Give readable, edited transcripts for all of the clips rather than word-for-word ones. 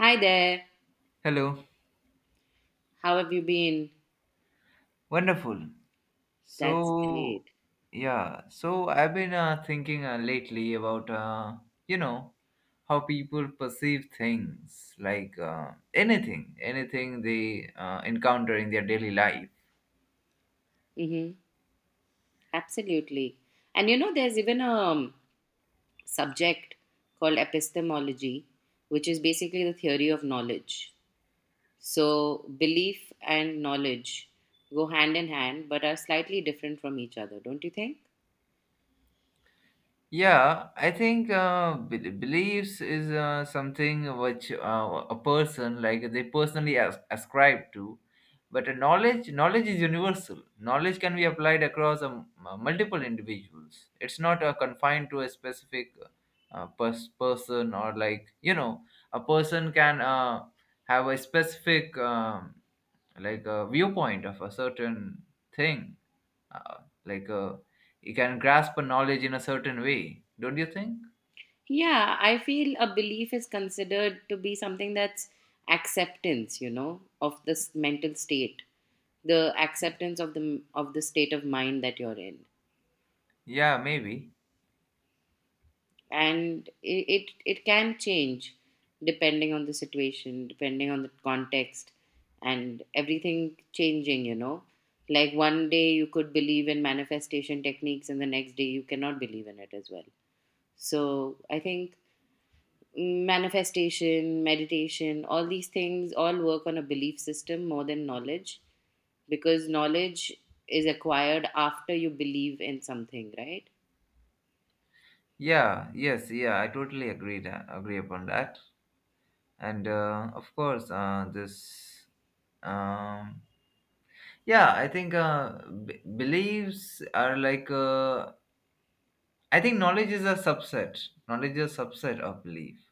Hi there. Hello. How have you been? Wonderful. That's So, great. yeah. So I've been thinking lately about you know how people perceive things, like anything they encounter in their daily life. Mm-hmm. Absolutely. And you know, there's even a subject called epistemology, which is basically the theory of knowledge. So, belief and knowledge go hand in hand, but are slightly different from each other, don't you think? Yeah, I think beliefs is something which a person they personally ascribe to, but a knowledge is universal. Knowledge can be applied across a multiple individuals. It's not confined to a specific person or a person can have a specific like a viewpoint of a certain thing uh, like uh, you can grasp a knowledge in a certain way, don't you think? Yeah, I feel a belief is considered to be something that's acceptance, you know, of this mental state, the acceptance of the state of mind that you're in. Yeah, maybe. And it can change depending on the situation, depending on the context, and everything changing, you know. Like one day you could believe in manifestation techniques and the next day you cannot believe in it as well. So I think manifestation, meditation, all these things all work on a belief system more than knowledge, because knowledge is acquired after you believe in something, right? Yeah, yes, yeah, I totally agree upon that. And of course, this um, yeah, I think beliefs are I think knowledge is a subset of belief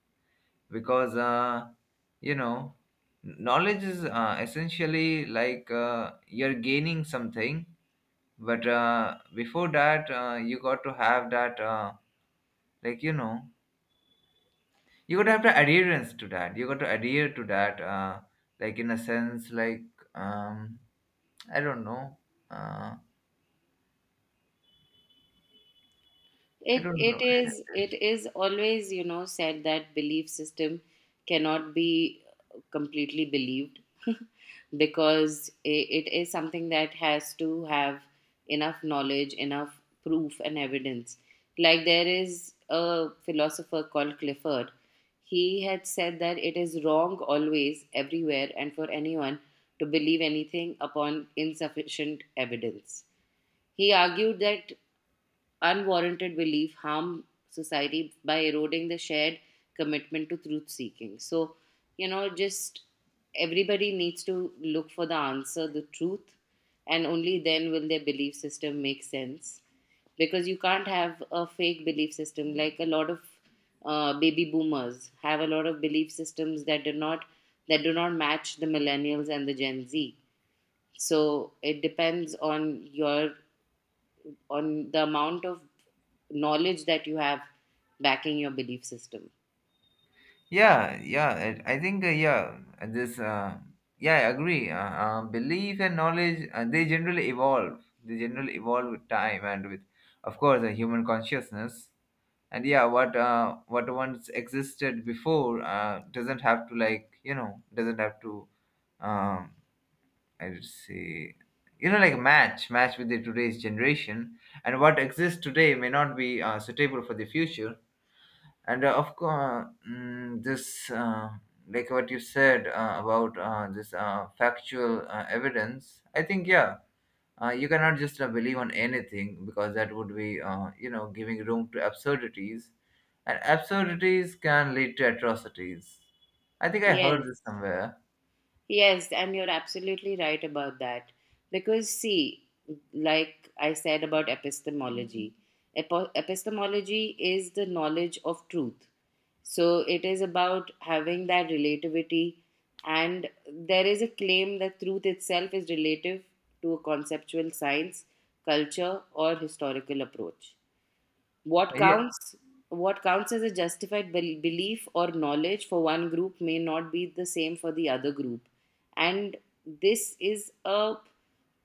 because you know knowledge is essentially you're gaining something. But before that, you got to have that, like, you know, you got to have the adherence to that. You got to adhere to that, in a sense, um, I don't know. Uh, I It don't know. it is it is always, you know, said that belief system cannot be completely believed because it is something that has to have enough knowledge, enough proof and evidence. Like there is a philosopher called Clifford. He had said that it is wrong always, everywhere, and for anyone to believe anything upon insufficient evidence. He argued that unwarranted belief harm society by eroding the shared commitment to truth seeking. So, you know, just everybody needs to look for the answer, the truth, and only then will their belief system make sense. Because you can't have a fake belief system. Like a lot of baby boomers have a lot of belief systems that do not, that do not match the millennials and the Gen Z. So it depends on your, on the amount of knowledge that you have backing your belief system. Yeah, yeah, I think, this, uh, yeah, I agree. Belief and knowledge, they generally evolve. They generally evolve with time and with, of course, the human consciousness. And yeah, what once existed before doesn't have to like you know doesn't have to, um, I would say, match with the today's generation, and what exists today may not be suitable for the future. And of course, mm, this like what you said about this factual evidence, I think, yeah, you cannot just believe on anything because that would be, giving room to absurdities, and absurdities can lead to atrocities. I think I heard Yes, this somewhere. yes, and you're absolutely right about that. Because, see, like I said about epistemology, epistemology is the knowledge of truth. So, it is about having that relativity, and there is a claim that truth itself is relative to a conceptual science, culture, or historical approach. What Yeah, counts what counts as a justified belief or knowledge for one group may not be the same for the other group. And this is a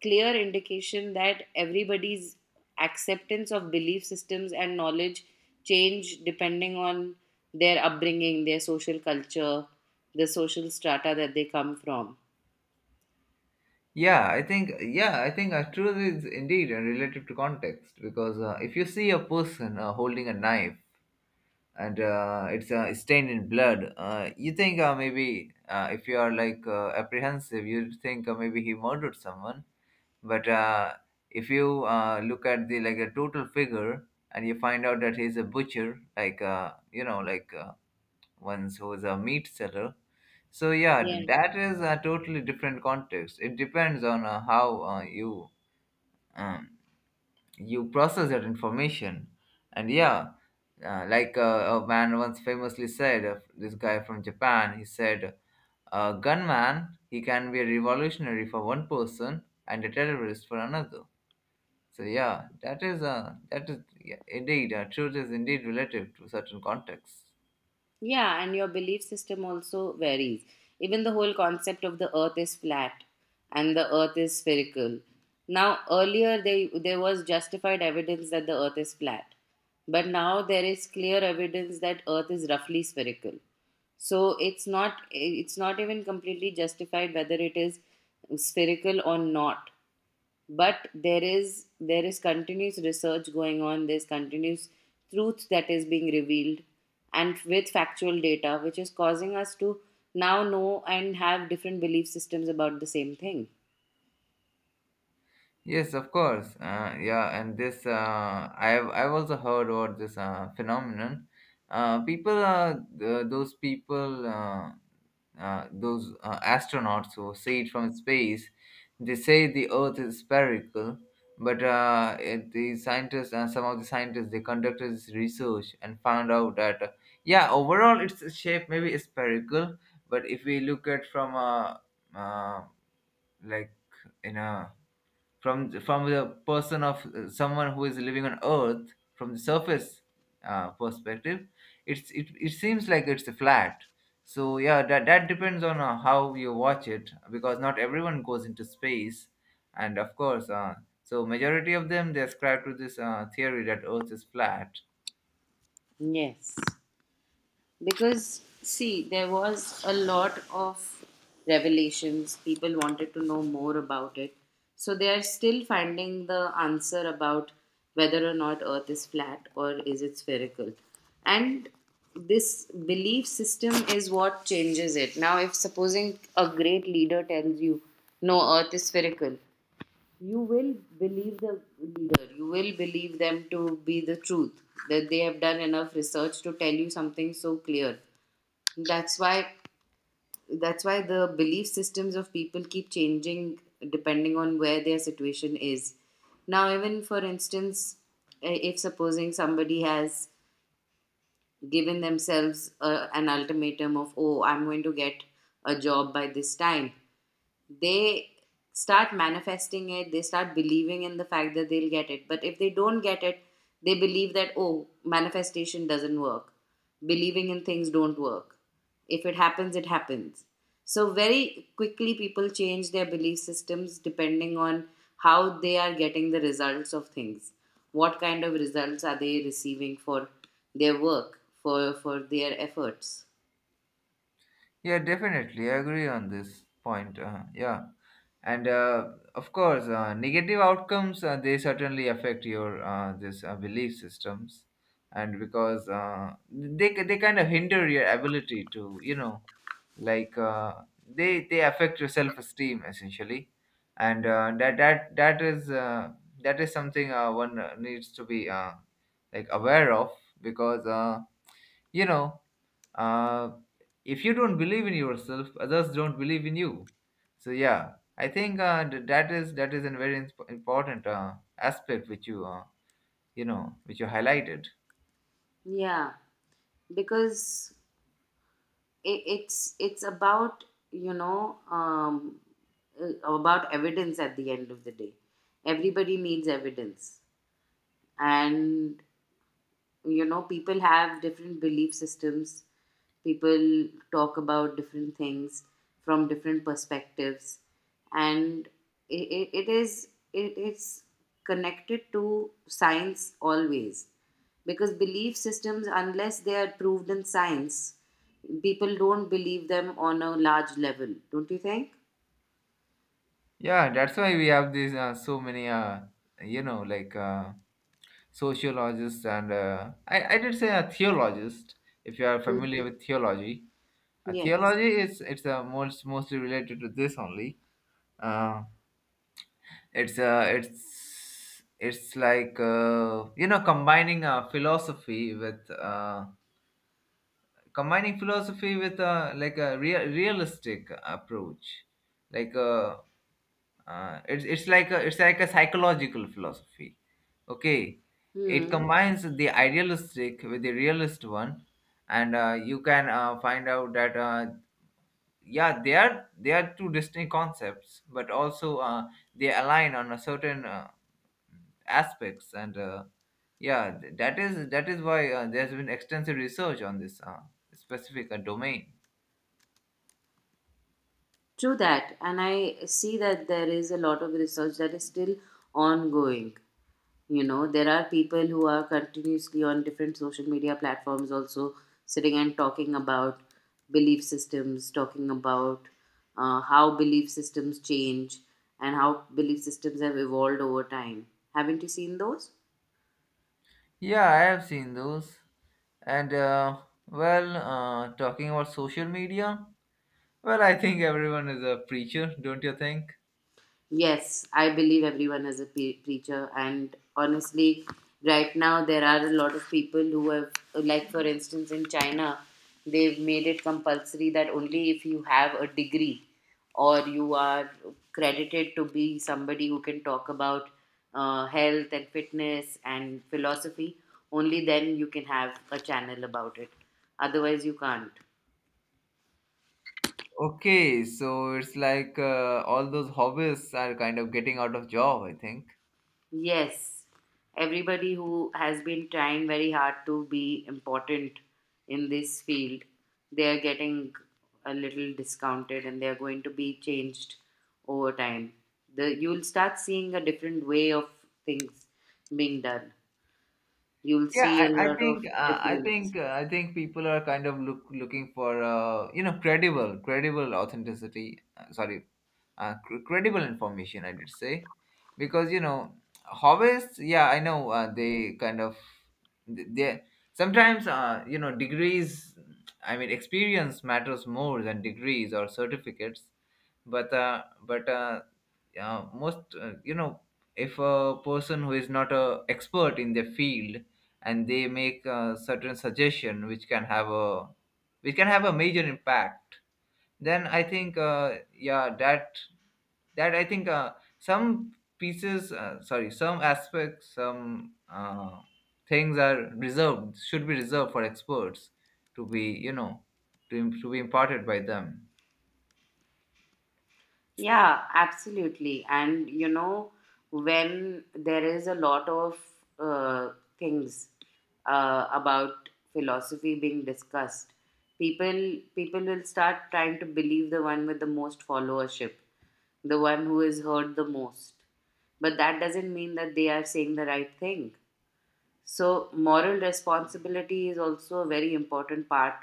clear indication that everybody's acceptance of belief systems and knowledge change depending on their upbringing, their social culture, the social strata that they come from. Yeah, I think truth is indeed relative to context because if you see a person holding a knife and it's stained in blood. You think maybe if you are apprehensive, you think maybe he murdered someone. But if you look at the like a total figure and you find out that he's a butcher, ones who's a meat seller. So yeah, Yeah. That is a totally different context. It depends on how you um, you process that information. And yeah, a man once famously said, this guy from Japan, he said a gunman, he can be a revolutionary for one person and a terrorist for another. So yeah, that is, yeah, indeed truth is indeed relative to certain contexts. Yeah, and your belief system also varies. Even the whole concept of the earth is flat and the earth is spherical. Now, earlier they, there was justified evidence that the earth is flat, but now there is clear evidence that earth is roughly spherical. So it's not even completely justified whether it is spherical or not, but there is continuous research going on. There's continuous truth that is being revealed, and with factual data, which is causing us to now know and have different belief systems about the same thing. Yes, of course. Yeah, and this I've also heard about this phenomenon. People are, those astronauts who see it from space. They say the Earth is spherical, but the scientists, some of the scientists, they conducted this research and found out that yeah, overall its shape maybe is spherical, but if we look at from a uh, like in a from the person of, someone who is living on earth from the surface perspective, it seems like it's flat. So yeah, that depends on how you watch it, because not everyone goes into space. And of course, so majority of them, they ascribe to this theory that earth is flat. Yes. Because, see, there was a lot of revelations. People wanted to know more about it. So they are still finding the answer about whether or not Earth is flat or is it spherical. And this belief system is what changes it. Now, if supposing a great leader tells you, no, Earth is spherical, you will believe the leader, you will believe them to be the truth, that they have done enough research to tell you something so clear. that's why that's why the belief systems of people keep changing depending on where their situation is. Now, even for instance, if supposing somebody has given themselves a, an ultimatum of, oh, I'm going to get a job by this time, they start manifesting it, they start believing in the fact that they'll get it. But if they don't get it, they believe that, oh, manifestation doesn't work, believing in things don't work. If it happens, it happens. So very quickly people change their belief systems depending on how they are getting the results of things, what kind of results are they receiving for their work, for their efforts. Yeah, definitely, I agree on this point. Yeah. And of course, negative outcomes, they certainly affect your this belief systems. And because they kind of hinder your ability to, like uh, they affect your self-esteem essentially. And that is something one needs to be aware of because, you know, uh, if you don't believe in yourself, others don't believe in you. So yeah, I think that is, a very important aspect which you, you know which you highlighted. Yeah, because it's about, you know um, uh, about evidence at the end of the day. Everybody needs evidence. And, you know, people have different belief systems, people talk about different things from different perspectives. And it is connected to science always, because belief systems, unless they are proved in science, people don't believe them on a large level, don't you think? Yeah, that's why we have these so many, you know like uh, sociologists, and I did say a theologist, if you are familiar with theology. A Yes. theology is, it's mostly related to this only. Uh, it's like, combining philosophy with combining philosophy with like a realistic approach, like uh, it's like a psychological philosophy. Okay. It Hmm. combines the idealistic with the realist one. And you can find out that yeah, they are two distinct concepts, but also they align on a certain aspects. And yeah, that is, that is why there's been extensive research on this specific domain. True that, and I see that there is a lot of research that is still ongoing. You know, there are people who are continuously on different social media platforms also sitting and talking about belief systems, talking about how belief systems change and how belief systems have evolved over time. Haven't you seen those? Yeah, I have seen those. And talking about social media, well, I think everyone is a preacher, don't you think? Yes, I believe everyone is a preacher, and honestly, right now there are a lot of people who have, like for instance, in China, they've made it compulsory that only if you have a degree or you are credited to be somebody who can talk about health and fitness and philosophy, only then you can have a channel about it. Otherwise, you can't. Okay, so it's like all those hobbies are kind of getting out of job, I think. Yes, everybody who has been trying very hard to be important in this field, they are getting a little discounted and they are going to be changed over time. The, you'll start seeing a different way of things being done. You'll Yeah, see a I lot think of I difference. think I think people are kind of looking for, credible authenticity. Sorry, credible information, I did say. Because, you know, hobbies. Yeah, I know they kind of, they they- sometimes, degrees. I mean, experience matters more than degrees or certificates. But yeah, most, if a person who is not a expert in their field and they make a certain suggestion which can have a major impact, then I think that, I think some pieces, sorry, some aspects, some things are reserved, should be reserved for experts to be, you know, to be imparted by them. Yeah, absolutely. And you know, when there is a lot of uh, things about philosophy being discussed, people will start trying to believe the one with the most followership, the one who is heard the most. But that doesn't mean that they are saying the right thing. So moral responsibility is also a very important part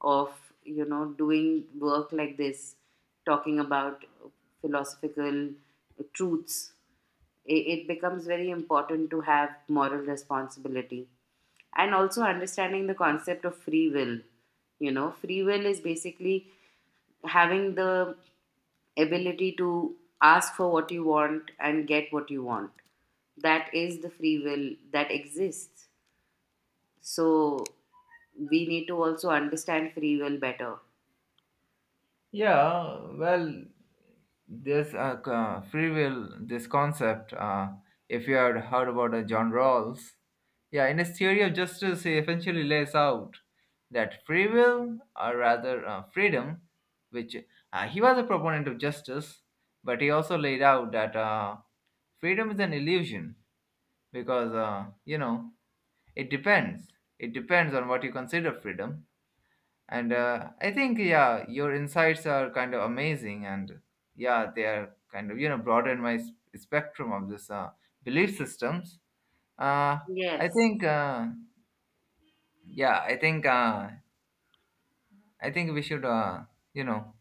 of, you know, doing work like this, talking about philosophical truths. It becomes very important to have moral responsibility and also understanding the concept of free will. You know, free will is basically having the ability to ask for what you want and get what you want. That is the free will that exists. So we need to also understand free will better. Yeah, well, there's a free will, this concept. If you had heard about John Rawls, yeah, in his theory of justice, he eventually lays out that free will, or rather freedom, which he was a proponent of justice, but he also laid out that freedom is an illusion because, it depends. It depends on what you consider freedom. And I think, yeah, your insights are kind of amazing, and yeah, they are kind of, you know, broaden my spectrum of this belief systems. Uh, I Yes. think yeah I think we should, you know,